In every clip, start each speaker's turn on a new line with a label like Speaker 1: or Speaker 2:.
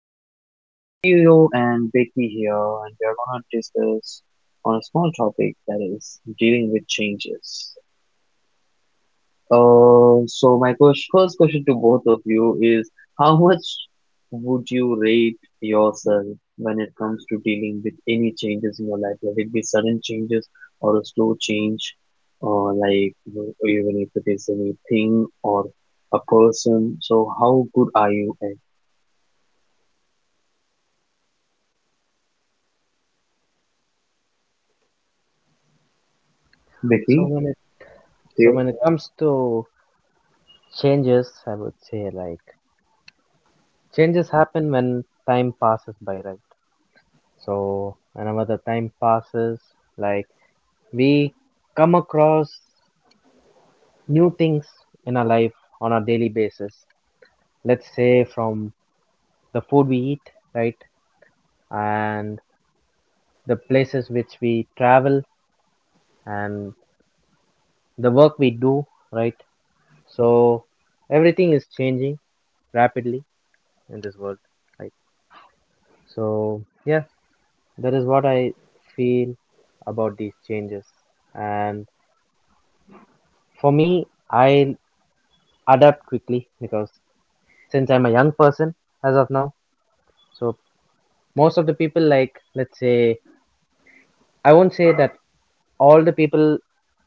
Speaker 1: have Theo and Becky here, and we are going to discuss on a small topic that is dealing with changes. So my first question to both of you is, how much would you rate yourself when it comes to dealing with any changes in your life, whether it be sudden changes or a slow change, or, or even if it is anything or a person? So how good are you at
Speaker 2: So
Speaker 1: Becky?
Speaker 2: when it
Speaker 1: Do
Speaker 2: so
Speaker 1: you?
Speaker 2: when it comes to changes, I would say like changes happen when time passes by, right? So whenever the time passes, like we come across new things in our life on a daily basis. Let's say from the food we eat, right? And the places which we travel and the work we do, right? So everything is changing rapidly in this world, right? So, yeah, that is what I feel about these changes. And for me, I adapt quickly because since I'm a young person as of now, so most of the people, like, let's say, I won't say that all the people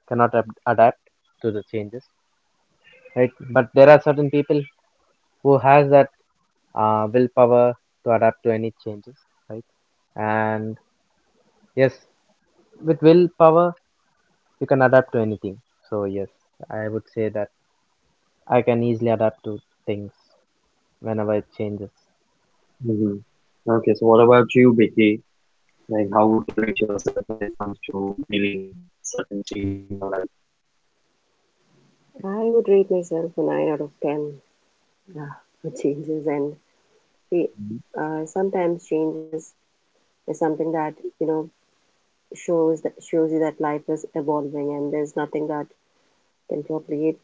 Speaker 2: cannot adapt to the changes, right? But there are certain people who has that willpower to adapt to any changes, right? And yes, with willpower you can adapt to anything. So yes, I would say that I can easily adapt to things whenever it changes.
Speaker 1: Hmm. Okay, so what about you, Becky? Like, how would you rate yourself when it comes to dealing with certain changes in your life?
Speaker 3: I would rate myself a 9 out of 10 uh, for changes. And see,
Speaker 1: Mhm.
Speaker 3: sometimes changes is something that, you know, shows that shows you that life is evolving and there's nothing that can probably, it.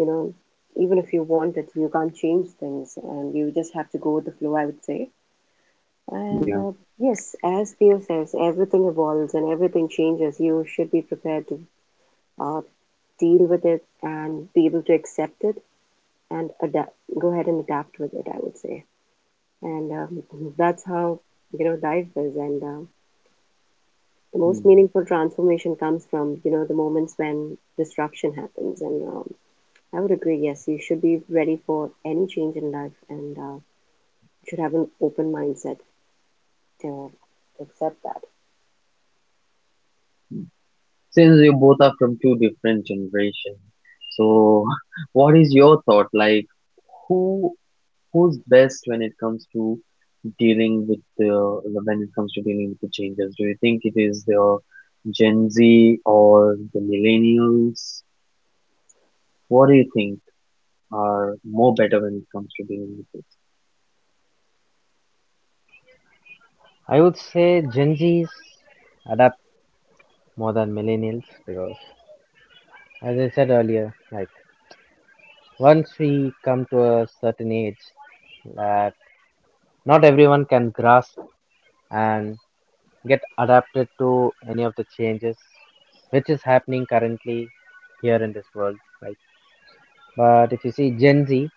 Speaker 3: you know, even if you want it, you can't change things and you just have to go with the flow, I would say.
Speaker 1: Yeah.
Speaker 3: And yes, as Theo says, everything evolves and everything changes. You should be prepared to uh, deal with it and be able to accept it and adapt go ahead and adapt with it, I would say. And that's how, life is, and the
Speaker 1: Mm.
Speaker 3: most meaningful transformation comes from, the moments when disruption happens. And I would agree, yes, you should be ready for any change in life. And you should have an open mindset to accept that.
Speaker 1: Since you both are from two different generations, so what is your thought? Like, who who's best when it comes to dealing with the when it comes to dealing with the changes? Do you think it is the Gen Z or the millennials? What do you think are more better when it comes to dealing with it?
Speaker 2: I would say Gen Zs adapt more than millennials because, as I said earlier, like once we come to a certain age, that not everyone can grasp and get adapted to any of the changes which is happening currently here in this world, right? But if you see Gen Z,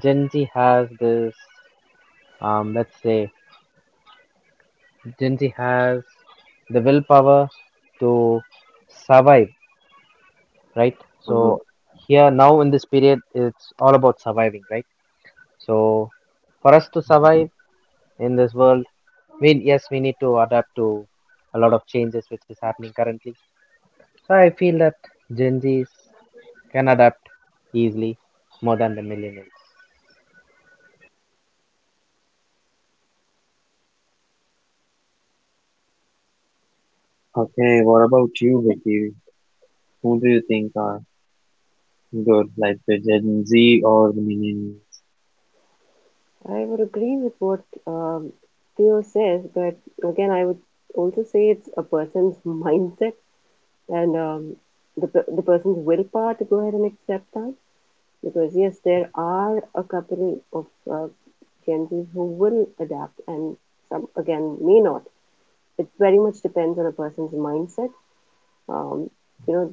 Speaker 2: Gen Z has this, let's say, Gen Z has the willpower to survive, right? So
Speaker 1: Mhm.
Speaker 2: here now in this period, it's all about surviving, right? So for us to
Speaker 1: Mhm.
Speaker 2: survive in this world, we yes we need to adapt to a lot of changes which is happening currently. So I feel that Gen Zs can adapt easily more than the millennials.
Speaker 1: Okay, what about you, Vicky? Who do you think are good, like the Gen Z or the millennials?
Speaker 3: I would agree with what um, Theo says, but again I would also say it's a person's mindset. And the person's willpower to go ahead and accept that. So, because yes, there are a couple of uh, Gen Zs who will adapt, and some again may not. It very much depends on a person's mindset. Um, you know,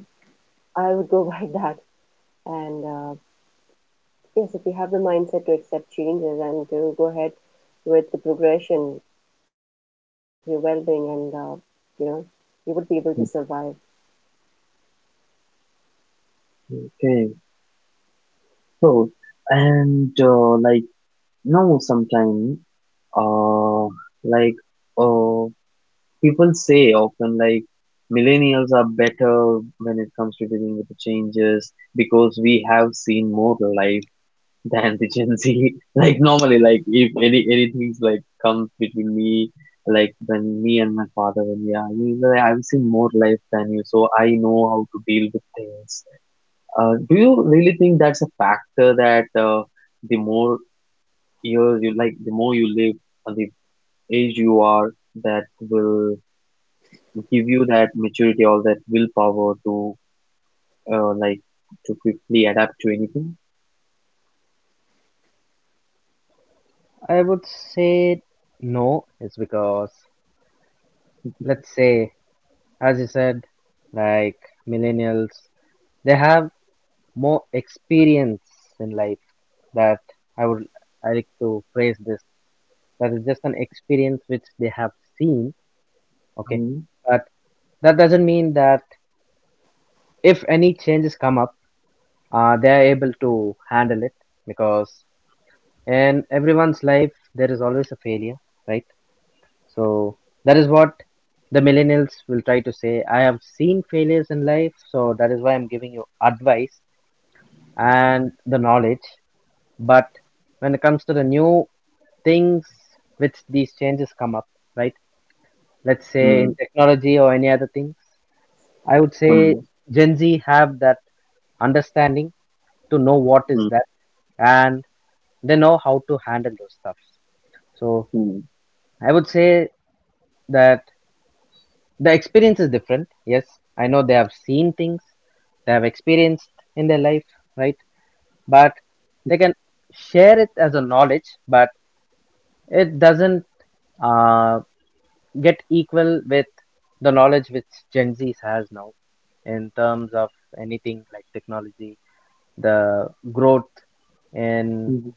Speaker 3: I would go by that. And yes, if you have the mindset to accept changes and to go ahead with the progression, your well-being, and you know, you would be able to survive.
Speaker 1: Okay, so, and like no, sometimes, uh, like uh, people say often, like, millennials are better when it comes to dealing with the changes because we have seen more life than the Gen Z. Like normally, like if anything's like comes between me, like when me and my father when we are, I've seen more life than you, so I know how to deal with things. Do you really think that's a factor that, the more years you like, the more you live, or the age you are, that will give you that maturity or that willpower to, uh, like to quickly adapt to anything?
Speaker 2: I would say no, it's because let's say as you said, like millennials, they have more experience in life that I would I like to phrase this, that is just an experience which they have seen, okay,
Speaker 1: Hmm.
Speaker 2: but that doesn't mean that if any changes come up they are able to handle it, because in everyone's life there is always a failure, right? So that is what the millennials will try to say: I have seen failures in life, so that is why I'm giving you advice and the knowledge. But when it comes to the new things which these changes come up, right? Let's say
Speaker 1: Hmm.
Speaker 2: in technology or any other things, I would say
Speaker 1: Hmm.
Speaker 2: Gen Z have that understanding to know what
Speaker 1: Hmm.
Speaker 2: is that, and they know how to handle those stuffs. So
Speaker 1: Hmm.
Speaker 2: I would say that the experience is different. Yes, I know they have seen things, they have experienced in their life, right? But they can share it as a knowledge, but it doesn't uh, get equal with the knowledge which Gen Z has now in terms of anything like technology, the growth in,
Speaker 1: Hmm.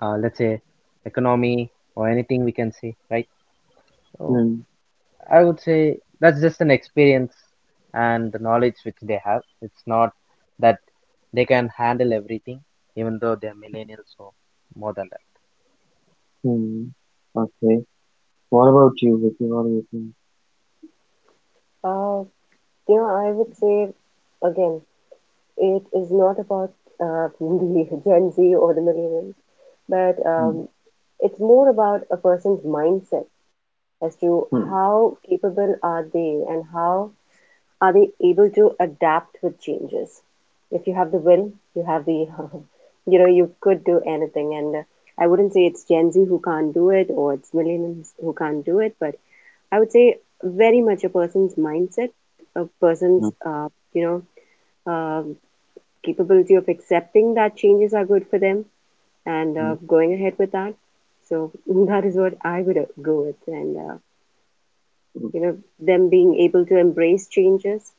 Speaker 2: let's say, economy or anything we can see, right? So
Speaker 1: Hmm.
Speaker 2: I would say that's just an experience and the knowledge which they have. It's not that they can handle everything, even though they're millennials, or more than that.
Speaker 1: Hmm. Okay. What about you, Vicky? What do you think?
Speaker 3: Uh, you know, I would say again, it is not about the Gen Z or the millennial, but
Speaker 1: Hmm.
Speaker 3: it's more about a person's mindset as to
Speaker 1: Hmm.
Speaker 3: how capable are they and how are they able to adapt with changes. If you have the will, you have the you know, you could do anything. And I wouldn't say it's Gen Z who can't do it or it's millennials who can't do it, but I would say very much a person's mindset, a
Speaker 1: Hmm.
Speaker 3: person's you know, um, capability of accepting that changes are good for them, and
Speaker 1: Hmm.
Speaker 3: going ahead with that. So that is what I would go with, and
Speaker 1: Hmm.
Speaker 3: you know, them being able to embrace changes.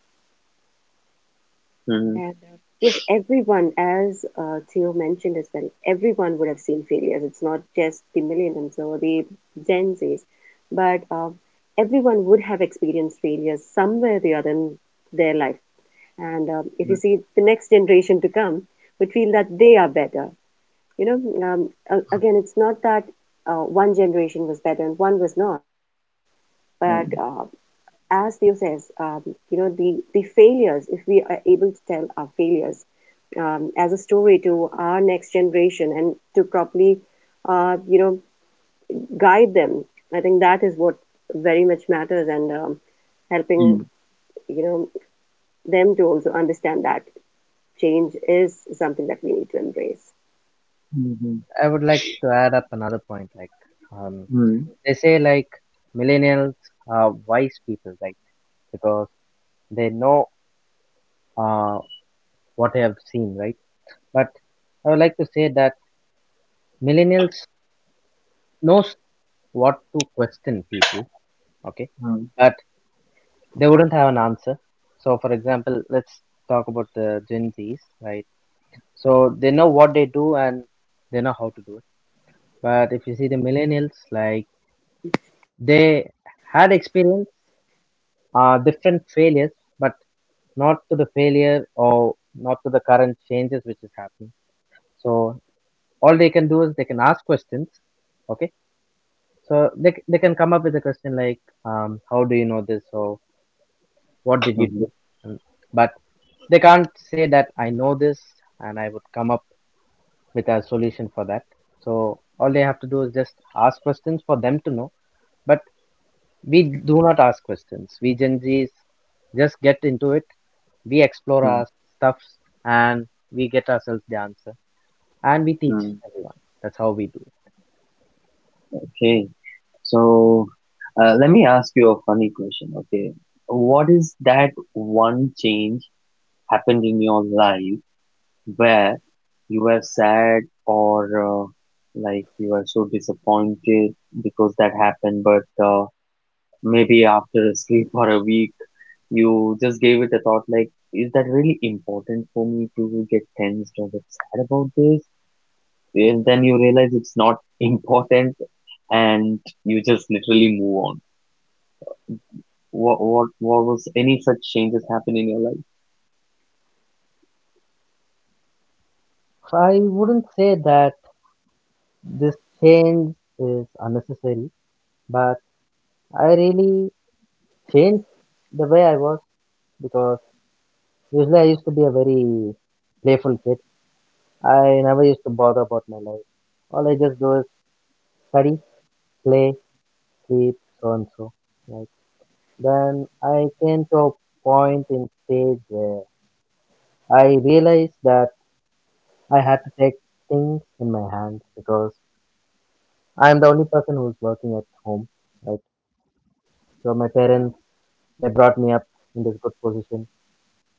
Speaker 1: Hmm.
Speaker 3: And yes, everyone, as Theo mentioned as well, everyone would have seen failures. It's not just the millennials or the Gen Zs, but everyone would have experienced failures somewhere or the other in their life. And if you see the next generation to come, would feel that they are better. You know, again, it's not that one generation was better and one was not, but
Speaker 1: Hmm.
Speaker 3: as Theo says, you know, the failures, if we are able to tell our failures as a story to our next generation and to properly, you know, guide them, I think that is what very much matters. And helping,
Speaker 1: Hmm.
Speaker 3: you know, them to also understand that change is something that we need to embrace.
Speaker 1: Hmm.
Speaker 2: I would like to add up another point, like, um,
Speaker 1: Hmm.
Speaker 2: they say like millennials are wise people, right? Because they know uh, what they have seen, right? But I would like to say that millennials knows what to question people, okay?
Speaker 1: Hmm.
Speaker 2: But they wouldn't have an answer. So, for example, let's talk about the Gen Zs, right? So they know what they do and they know how to do it. But if you see the millennials, like they had experience, different failures, but not to the failure or not to the current changes which is happening. So all they can do is they can ask questions. Okay. So they can come up with a question like, how do you know this? Or what did you do? And but they can't say that I know this and I would come up with a solution for that. So all they have to do is just ask questions for them to know. But we do not ask questions. We Gen Zs just get into it. We explore
Speaker 1: Hmm.
Speaker 2: our stuffs and we get ourselves the answer. And we teach
Speaker 1: Hmm.
Speaker 2: everyone. That's how we do it.
Speaker 1: Okay, so let me ask you a funny question. Okay, what is that one change happened in your life where you were sad or, you were so disappointed because that happened, but, maybe after a sleep or a week, you just gave it a thought like, is that really important for me to get tensed or get sad about this? And then you realize it's not important and you just literally move on. What was any such changes happen in your life?
Speaker 2: So I wouldn't say that this change is unnecessary, but I really changed the way I was because usually I used to be a very playful kid. I never used to bother about my life. All I just do is study, play, sleep, so and so. Like, then I came to a point in stage where I realized that I had to take things in my hands because I'm the only person who's working at home, right? So my parents, they brought me up in this good position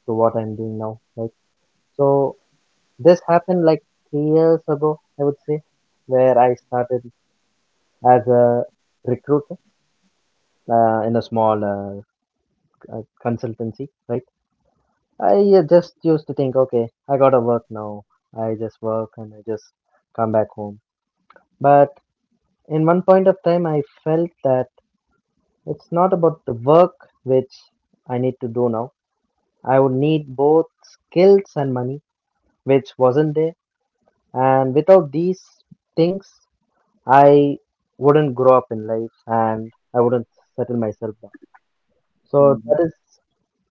Speaker 2: to what I'm doing now, right? So this happened like 3 years ago, I would say, where I started as a recruiter in a small consultancy, right? I just used to think, okay, I gotta work now. I just work and I just come back home. But in one point of time, I felt that it's not about the work which I need to do now. I would need both skills and money, which wasn't there. And without these things, I wouldn't grow up in life and I wouldn't settle myself down. So that
Speaker 1: Mhm.
Speaker 2: is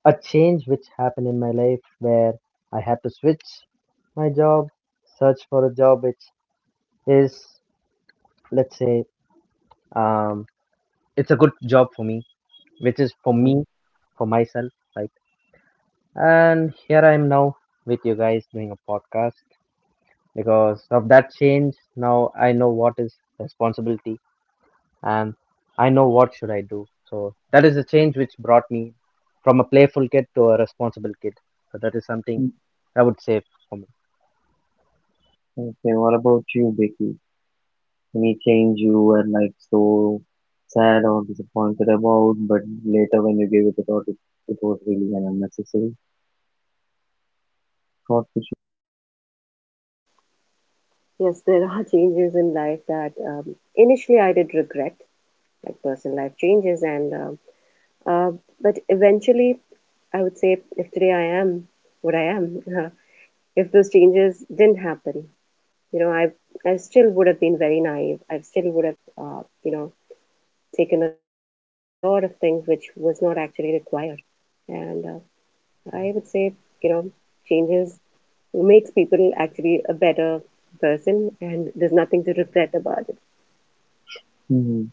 Speaker 2: a change which happened in my life where I had to switch my job, search for a job which is, let's say, um, it's a good job for me, which is for
Speaker 1: Mhm.
Speaker 2: me, for myself, like. And here I am now with you guys doing a podcast because of that change. Now I know what is responsibility and I know what should I do. So that is the change which brought me from a playful kid to a responsible kid. So that is something
Speaker 1: Mhm.
Speaker 2: I would say for me.
Speaker 1: Okay, what about you, Becky? Any change you were like so sad or disappointed about, but later when you gave it a thought, it was really an unnecessary thought. Which,
Speaker 3: Yes, there are changes in life that initially I did regret, like personal life changes, and uh, but eventually I would say if today I am what I am, if those changes didn't happen, you know, I still would have been very naive. I still would have, you know, taken a lot of things which was not actually required, and I would say, you know, changes makes people actually a better person, and there's nothing to regret about it.
Speaker 1: hmm.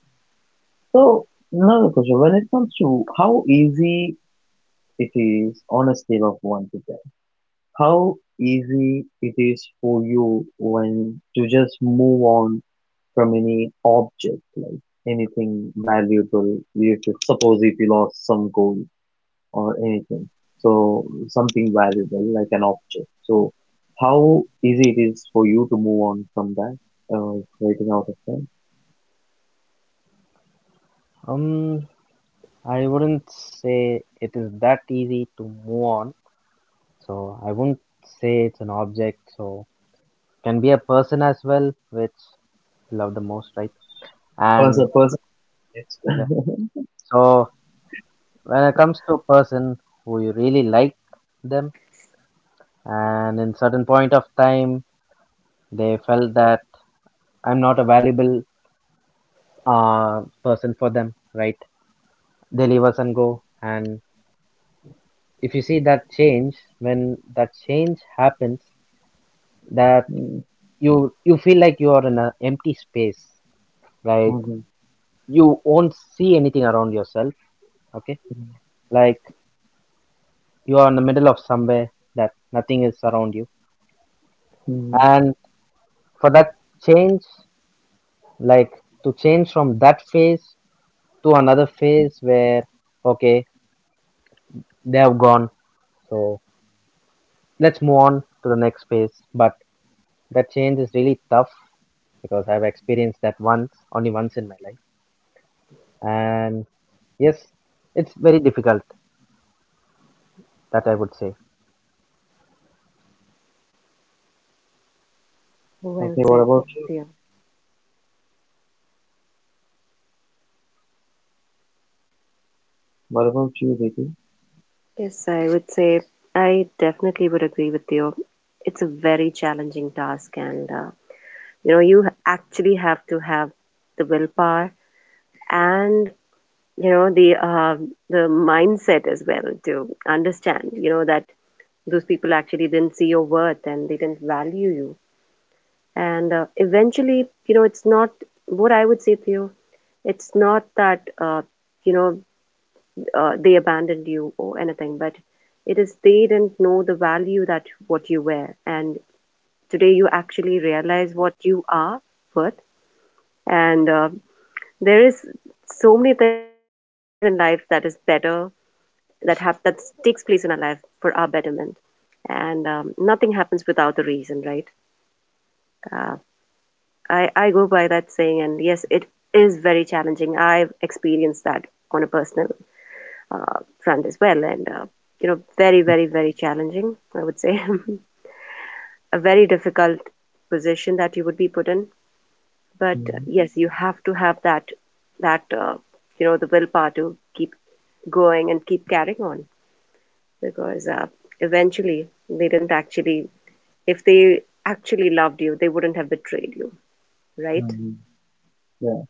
Speaker 1: So another question: when it comes to how easy it is on a scale of one to ten, how easy it is for you when to just move on from any object, like anything valuable. We have to suppose if you lost some gold or anything, so something valuable like an object. So how easy it is for you to move on from that, creating out of time.
Speaker 2: Um, I wouldn't say it is that easy to move on. So I wouldn't say it's an object. So can be a person as well, which you love the most, right? And
Speaker 1: Person, person. Yes.
Speaker 2: yeah. So when it comes to a person who you really like them, and in certain point of time they felt that I'm not a valuable person for them, right? They leave us and go. And if you see that change, when that change happens, that
Speaker 1: Mm,
Speaker 2: you you feel like you are in an empty space, right?
Speaker 1: mhm,
Speaker 2: You won't see anything around yourself, okay,
Speaker 1: mhm,
Speaker 2: like you are in the middle of somewhere that nothing is around you.
Speaker 1: mhm.
Speaker 2: And for that change, like, to change from that phase to another phase where okay, they have gone, so let's move on to the next phase, but that change is really tough because I've experienced that once, only once in my life, and yes, it's very difficult, that I would say.
Speaker 3: Well
Speaker 1: Okay, what
Speaker 3: said,
Speaker 1: about you?
Speaker 3: dear.
Speaker 1: What about you, Ritu?
Speaker 3: Yes, I would say I definitely would agree with you. It's a very challenging task, and you know, you actually have to have the willpower and you know the the mindset as well to understand. You know that those people actually didn't see your worth and they didn't value you, and eventually, you know, it's not what I would say to you. It's not that you know, they abandoned you or anything, but it is they didn't know the value that what you were. And today you actually realize what you are worth. And there is so many things in life that is better, that have that takes place in our life for our betterment. And nothing happens without a reason, right? Uh, I go by that saying, and yes, it is very challenging. I've experienced that on a personal front as well. And, you know, very, very, very challenging, I would say. A very difficult position that you would be put in. But
Speaker 1: Mm-hmm.
Speaker 3: yes, you have to have that, that you know, the willpower to keep going and keep carrying on, because eventually they didn't actually, if they actually loved you, they wouldn't have betrayed you, right?
Speaker 1: Um, yeah.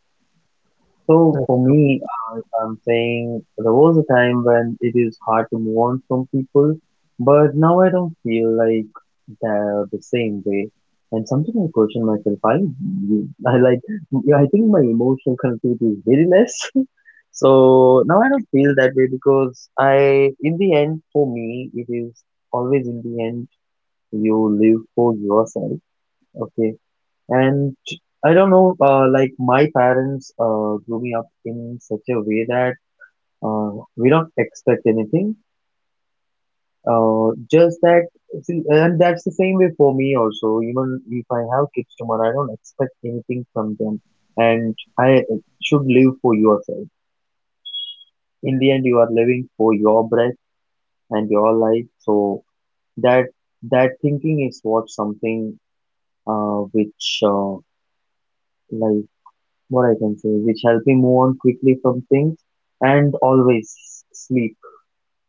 Speaker 1: So for
Speaker 2: That's,
Speaker 1: me, I'm saying there was a time when it is hard to move on from people, but now I don't feel like they're the same way. And sometimes I question myself. I, yeah, I think my emotional connectivity is very less. So now I don't feel that way because in the end, for me, it is always in the end you live for yourself. Okay, and I don't know, like my parents, grew me up in such a way that, uh, we don't expect anything. Just that, see, and that's the same way for me also. Even if I have kids tomorrow, I don't expect anything from them. And I should live for yourself. In the end, you are living for your breath and your life. So that that thinking is what something, which like what I can say, which help me move on quickly from things and always sleep.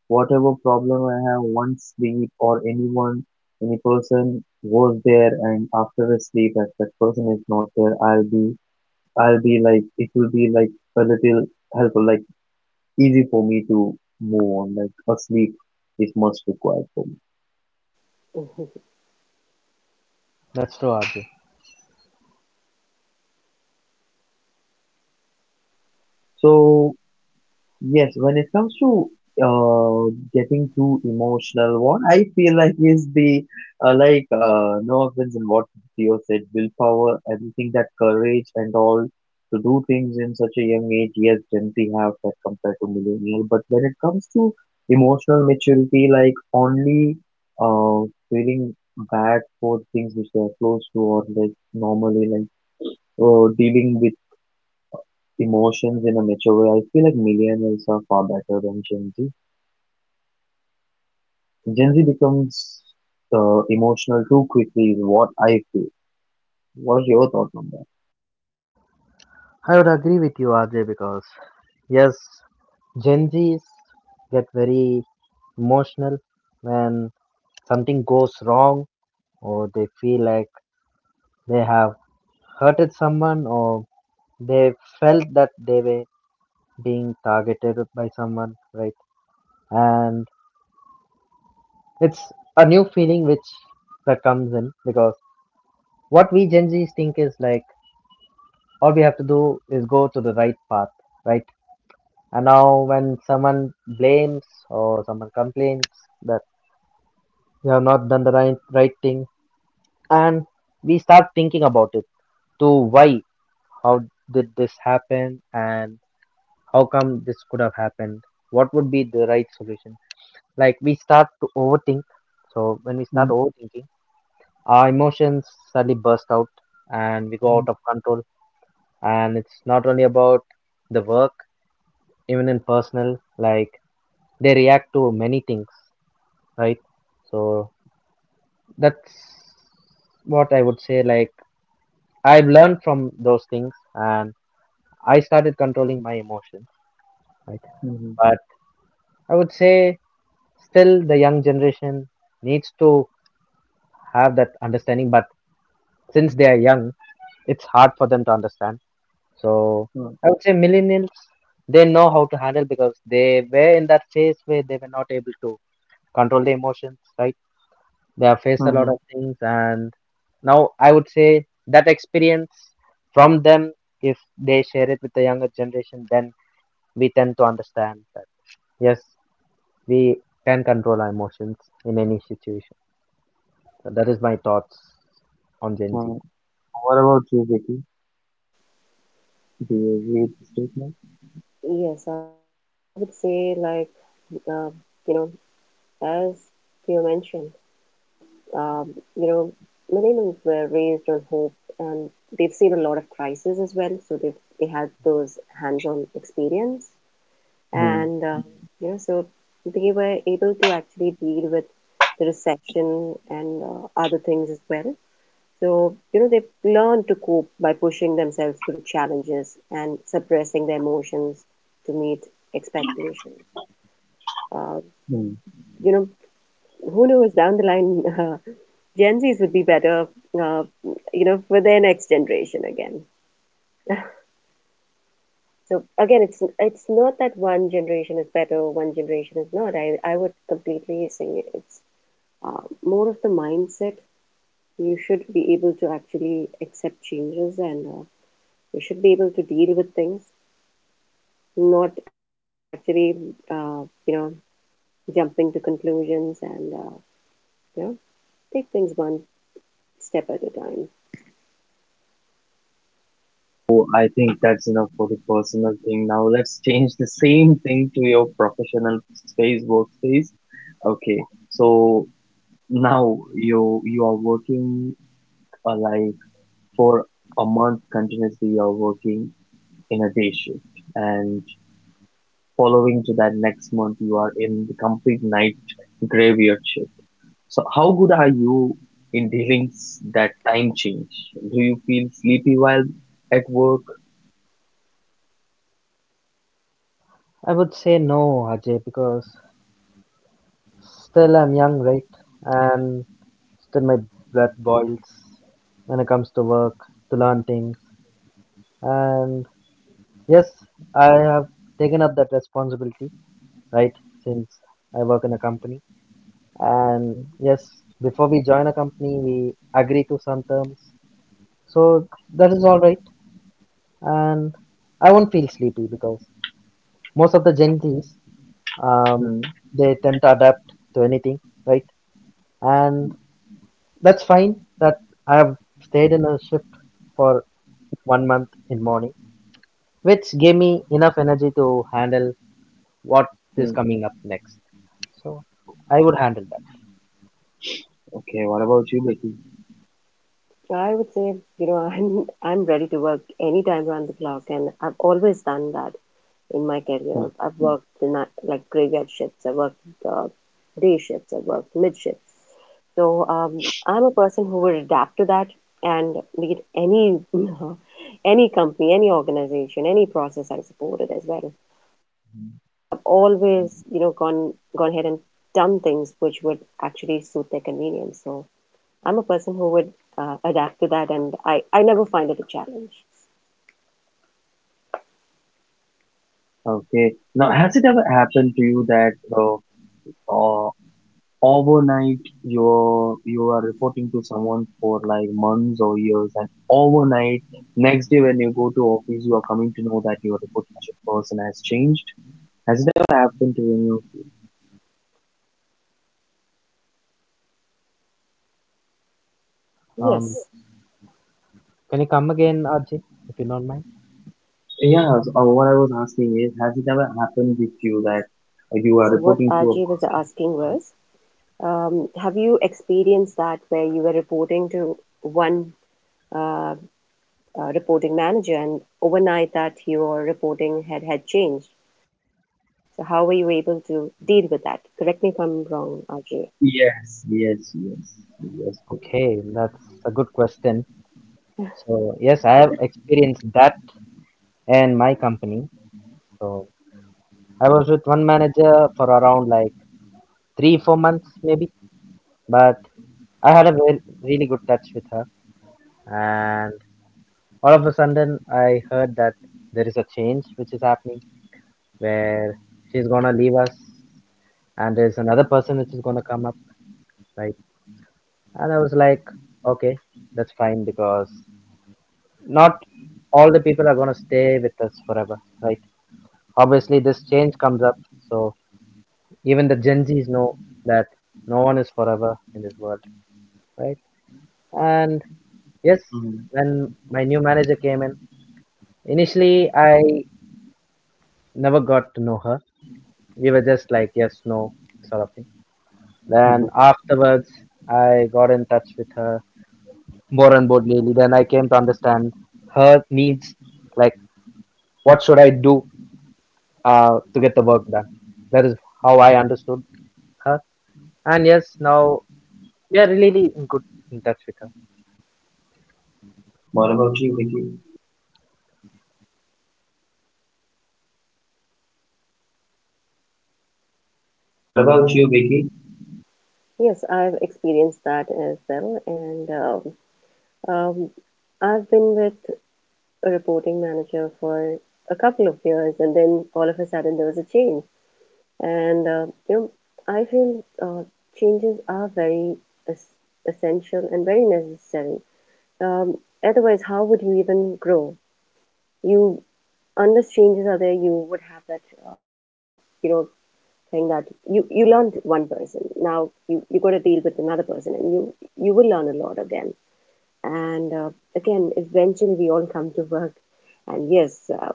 Speaker 1: Whatever problem I have, one sleep or anyone, any person was there and after a sleep, if that person is not there, I'll be like, it will be like a little helpful, like easy for me to move on, like a sleep is most required for me.
Speaker 2: that's true, RJ.
Speaker 1: So yes, when it comes to, getting too emotional, what I feel like is the, no offense in what Theo said, willpower, everything, that courage and all, to do things in such a young age. Yes, Gen Z have that compared to millennial, but when it comes to emotional maturity, like only, feeling bad for things which they are close to, or like normally, like, dealing with emotions in a mature way. I feel like millennials are far better than Gen Z. Gen Z becomes, emotional too quickly, is what I feel. What are your thoughts on that?
Speaker 2: I would agree with you, RJ, because yes, Gen Zs get very emotional when something goes wrong or they feel like they have hurted someone or they felt that they were being targeted by someone, right? And it's a new feeling which that comes in because what we Gen Zs think is like all we have to do is go to the right path, right? And now, when someone blames or someone complains that you have not done the right thing, and we start thinking about it to why, how did this happen, and how come this could have happened, what would be the right solution. Like, we start to overthink. So, when we start
Speaker 1: Mm-hmm.
Speaker 2: overthinking, our emotions suddenly burst out and we go out of control. And it's not only about the work, even in personal, like, they react to many things, right? So that's what I would say. Like, I've learned from those things, and I started controlling my emotions, right?
Speaker 1: Mm-hmm.
Speaker 2: But I would say still the young generation needs to have that understanding. But since they are young, it's hard for them to understand. So I would say millennials, they know how to handle because they were in that phase where they were not able to control their emotions, right? They have faced a lot
Speaker 1: Mm-hmm.
Speaker 2: of things, and now I would say that experience from them, if they share it with the younger generation, then we tend to understand that yes, we can control our emotions in any situation. So that is my thoughts on Gen Z.
Speaker 1: Mm. What about you, Vicky? Do you agree with the statement?
Speaker 3: Yes, I would say, like, um, you know, as you mentioned, you know, millennials were raised on hope and they've seen a lot of crises as well. So they had those hands on experience.
Speaker 1: Mm-hmm.
Speaker 3: And, you know, so they were able to actually deal with the recession and other things as well. So, you know, they've learned to cope by pushing themselves through challenges and suppressing their emotions to meet expectations. Uh, you know, who knows down the line, Gen Zs would be better, uh, you know, for their next generation again. So again, it's not that one generation is better, or one generation is not. I would completely say it's more of the mindset. You should be able to actually accept changes, and you should be able to deal with things, not actually, you know, jumping to conclusions and you know, take things one step at a time.
Speaker 1: So I think that's enough for the personal thing. Now let's change the same thing to your professional space, workspace. Okay. So now you are working, uh, like for a month continuously you are working in a day shift and following to that next month you are in the complete night graveyard shift. So how good are you in dealing that time change? Do you feel sleepy while at work?
Speaker 2: I would say no, Ajay, because still I'm young, right? And still my blood boils when it comes to work, to learn things. And yes, I have taken up that responsibility, right? Since I work in a company. And
Speaker 1: Mhm.
Speaker 2: yes, before we join a company, we agree to some terms. So that is all right. And I won't feel sleepy because most of the Gen Zs, um,
Speaker 1: Mm.
Speaker 2: they tend to adapt to anything, right? And that's fine that I have stayed in a shift for 1 month in morning, which gave me enough energy to handle what is
Speaker 1: Mm.
Speaker 2: coming up next. So I would handle that.
Speaker 1: Okay, what about you, Becky?
Speaker 3: So I would say, you know, I'm ready to work anytime around the clock, and I've always done that in my career. I've Mm. worked the night, like graveyard shifts. I worked uh, day shifts. I worked mid shifts. So I'm a person who would adapt to that, and be it any any company, any organization, any process I supported as well.
Speaker 1: Mhm.
Speaker 3: I've always, you know, gone ahead and done things which would actually suit their convenience. So I'm a person who would adapt to that, and I never find it a challenge.
Speaker 1: Okay. Now, has it ever happened to you that, uh, uh, overnight you are reporting to someone for like months or years and overnight next day when you go to office you are coming to know that your reporting person has changed. Has it ever happened to any of you?
Speaker 2: Um,
Speaker 3: Yes.
Speaker 2: Can you come again, Arjit, if you don't mind?
Speaker 1: Yeah, so, what I was asking is has it ever happened with you that you are
Speaker 3: So, what
Speaker 1: reporting to a
Speaker 3: RJ was
Speaker 1: person.
Speaker 3: asking was have you experienced that where you were reporting to one uh, reporting manager, and overnight that your reporting had changed? So, how were you able to deal with that? Correct me if I'm wrong, RJ.
Speaker 1: Yes, yes, yes, yes.
Speaker 2: Okay, that's a good question. So, yes, I have experienced that in my company. So, I was with one manager for around like 3, 4 months maybe, but I had a very, really good touch with her. And all of a sudden, I heard that there is a change which is happening where she's gonna leave us and there's another person which is gonna come up, right? And I was like, okay, that's fine because not all the people are going to stay with us forever, right? Obviously, this change comes up, so even the Gen Zs know that no one is forever in this world, right? And yes,
Speaker 1: Mm-hmm.
Speaker 2: when my new manager came in, initially I never got to know her. We were just like yes, no sort of thing.
Speaker 1: Mm-hmm.
Speaker 2: Then afterwards, I got in touch with her more and more daily. Then I came to understand her needs, like what should I do to get the work done. That is how I understood her. And yes, now we are really in good in touch with her.
Speaker 1: what about you vicky what about you, Vicky?
Speaker 3: Yes, I've experienced that as well, and um, I've been with a reporting manager for a couple of years, and then all of a sudden there was a change. And you know, I feel changes are very es- essential and very necessary. Um, otherwise, how would you even grow? You, unless changes are there, you would have that uh, you know, thing that you learned one person. Now you got to deal with another person, and you will learn a lot again. And again, eventually we all come to work. And yes,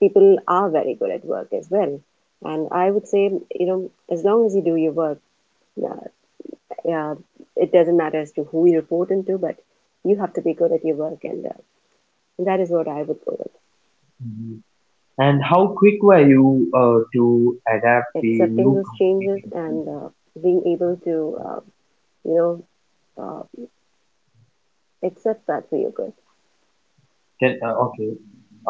Speaker 3: people are very good at work as well. And I would say, you know, as long as you do your work, yeah, yeah, it doesn't matter as to who you report into, but you have to be good at your work. And that is what I would go with,
Speaker 1: Mhm. And how quick were you, to adapt the
Speaker 3: accepting
Speaker 1: new
Speaker 3: those
Speaker 1: company?
Speaker 3: changes and being able to, you know, uh, accept that for your good.
Speaker 1: Can, okay.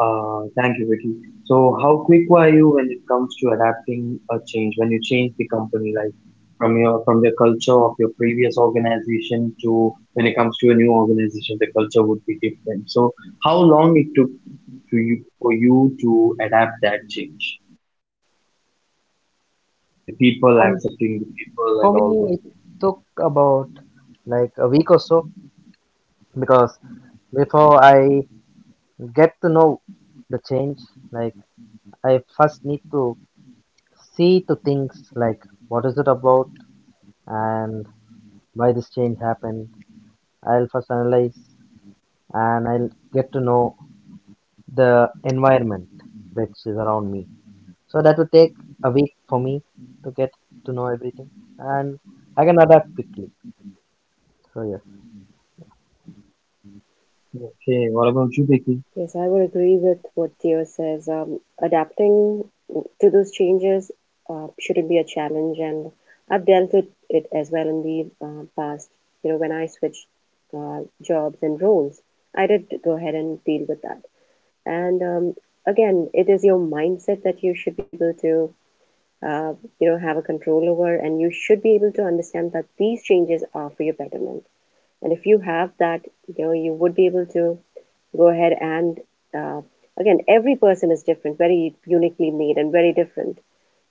Speaker 1: Thank you, Vicky. So, how quick were you when it comes to adapting a change? When you change the company, like from the culture of your previous organization to when it comes to a new organization, the culture would be different. So, how long it took to you for you to adapt that change, like the people
Speaker 2: Um,
Speaker 1: accepting the people
Speaker 2: for
Speaker 1: and all
Speaker 2: me,
Speaker 1: those
Speaker 2: it
Speaker 1: things?
Speaker 2: took about like a week or so because before I get to know the change, like I first need to see to things like what is it about and why this change happened. I'll first analyze and I'll get to know the environment which is around me, so that would take a week for me to get to know everything and I can adapt quickly, so yes,
Speaker 1: Okay. What about you, Vicky?
Speaker 3: Yes, I would agree with what Theo says. Adapting to those changes shouldn't be a challenge, and I've dealt with it as well in the past. You know, when I switched jobs and roles, I did go ahead and deal with that. And again, it is your mindset that you should be able to, uh, you know, have a control over, and you should be able to understand that these changes are for your betterment. And if you have that, you know, you would be able to go ahead and uh, again, every person is different, very uniquely made and very different.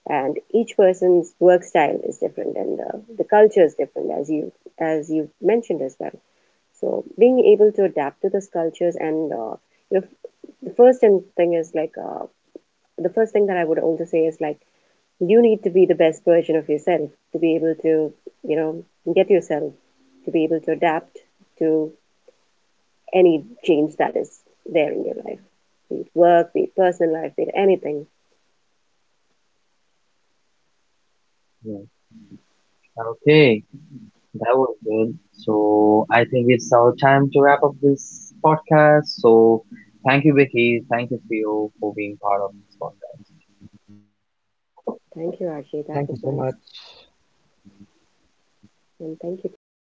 Speaker 3: And each person's work style is different, and the culture is different, as you mentioned as well. So being able to adapt to those cultures, and you know, the first and thing is like uh, the first thing that I would also say is like you need to be the best version of yourself to be able to, you know, get yourself to be able to adapt to any change that is there in your life. Work, be it personal life, be it anything.
Speaker 1: Yeah. Okay. That was good. So I think it's our time to wrap up this podcast. So thank you, Vicky. Thank you, Theo, for being part of this podcast.
Speaker 3: Thank you, Archie. That was nice.
Speaker 2: thank you so much.
Speaker 3: And thank you, Theo.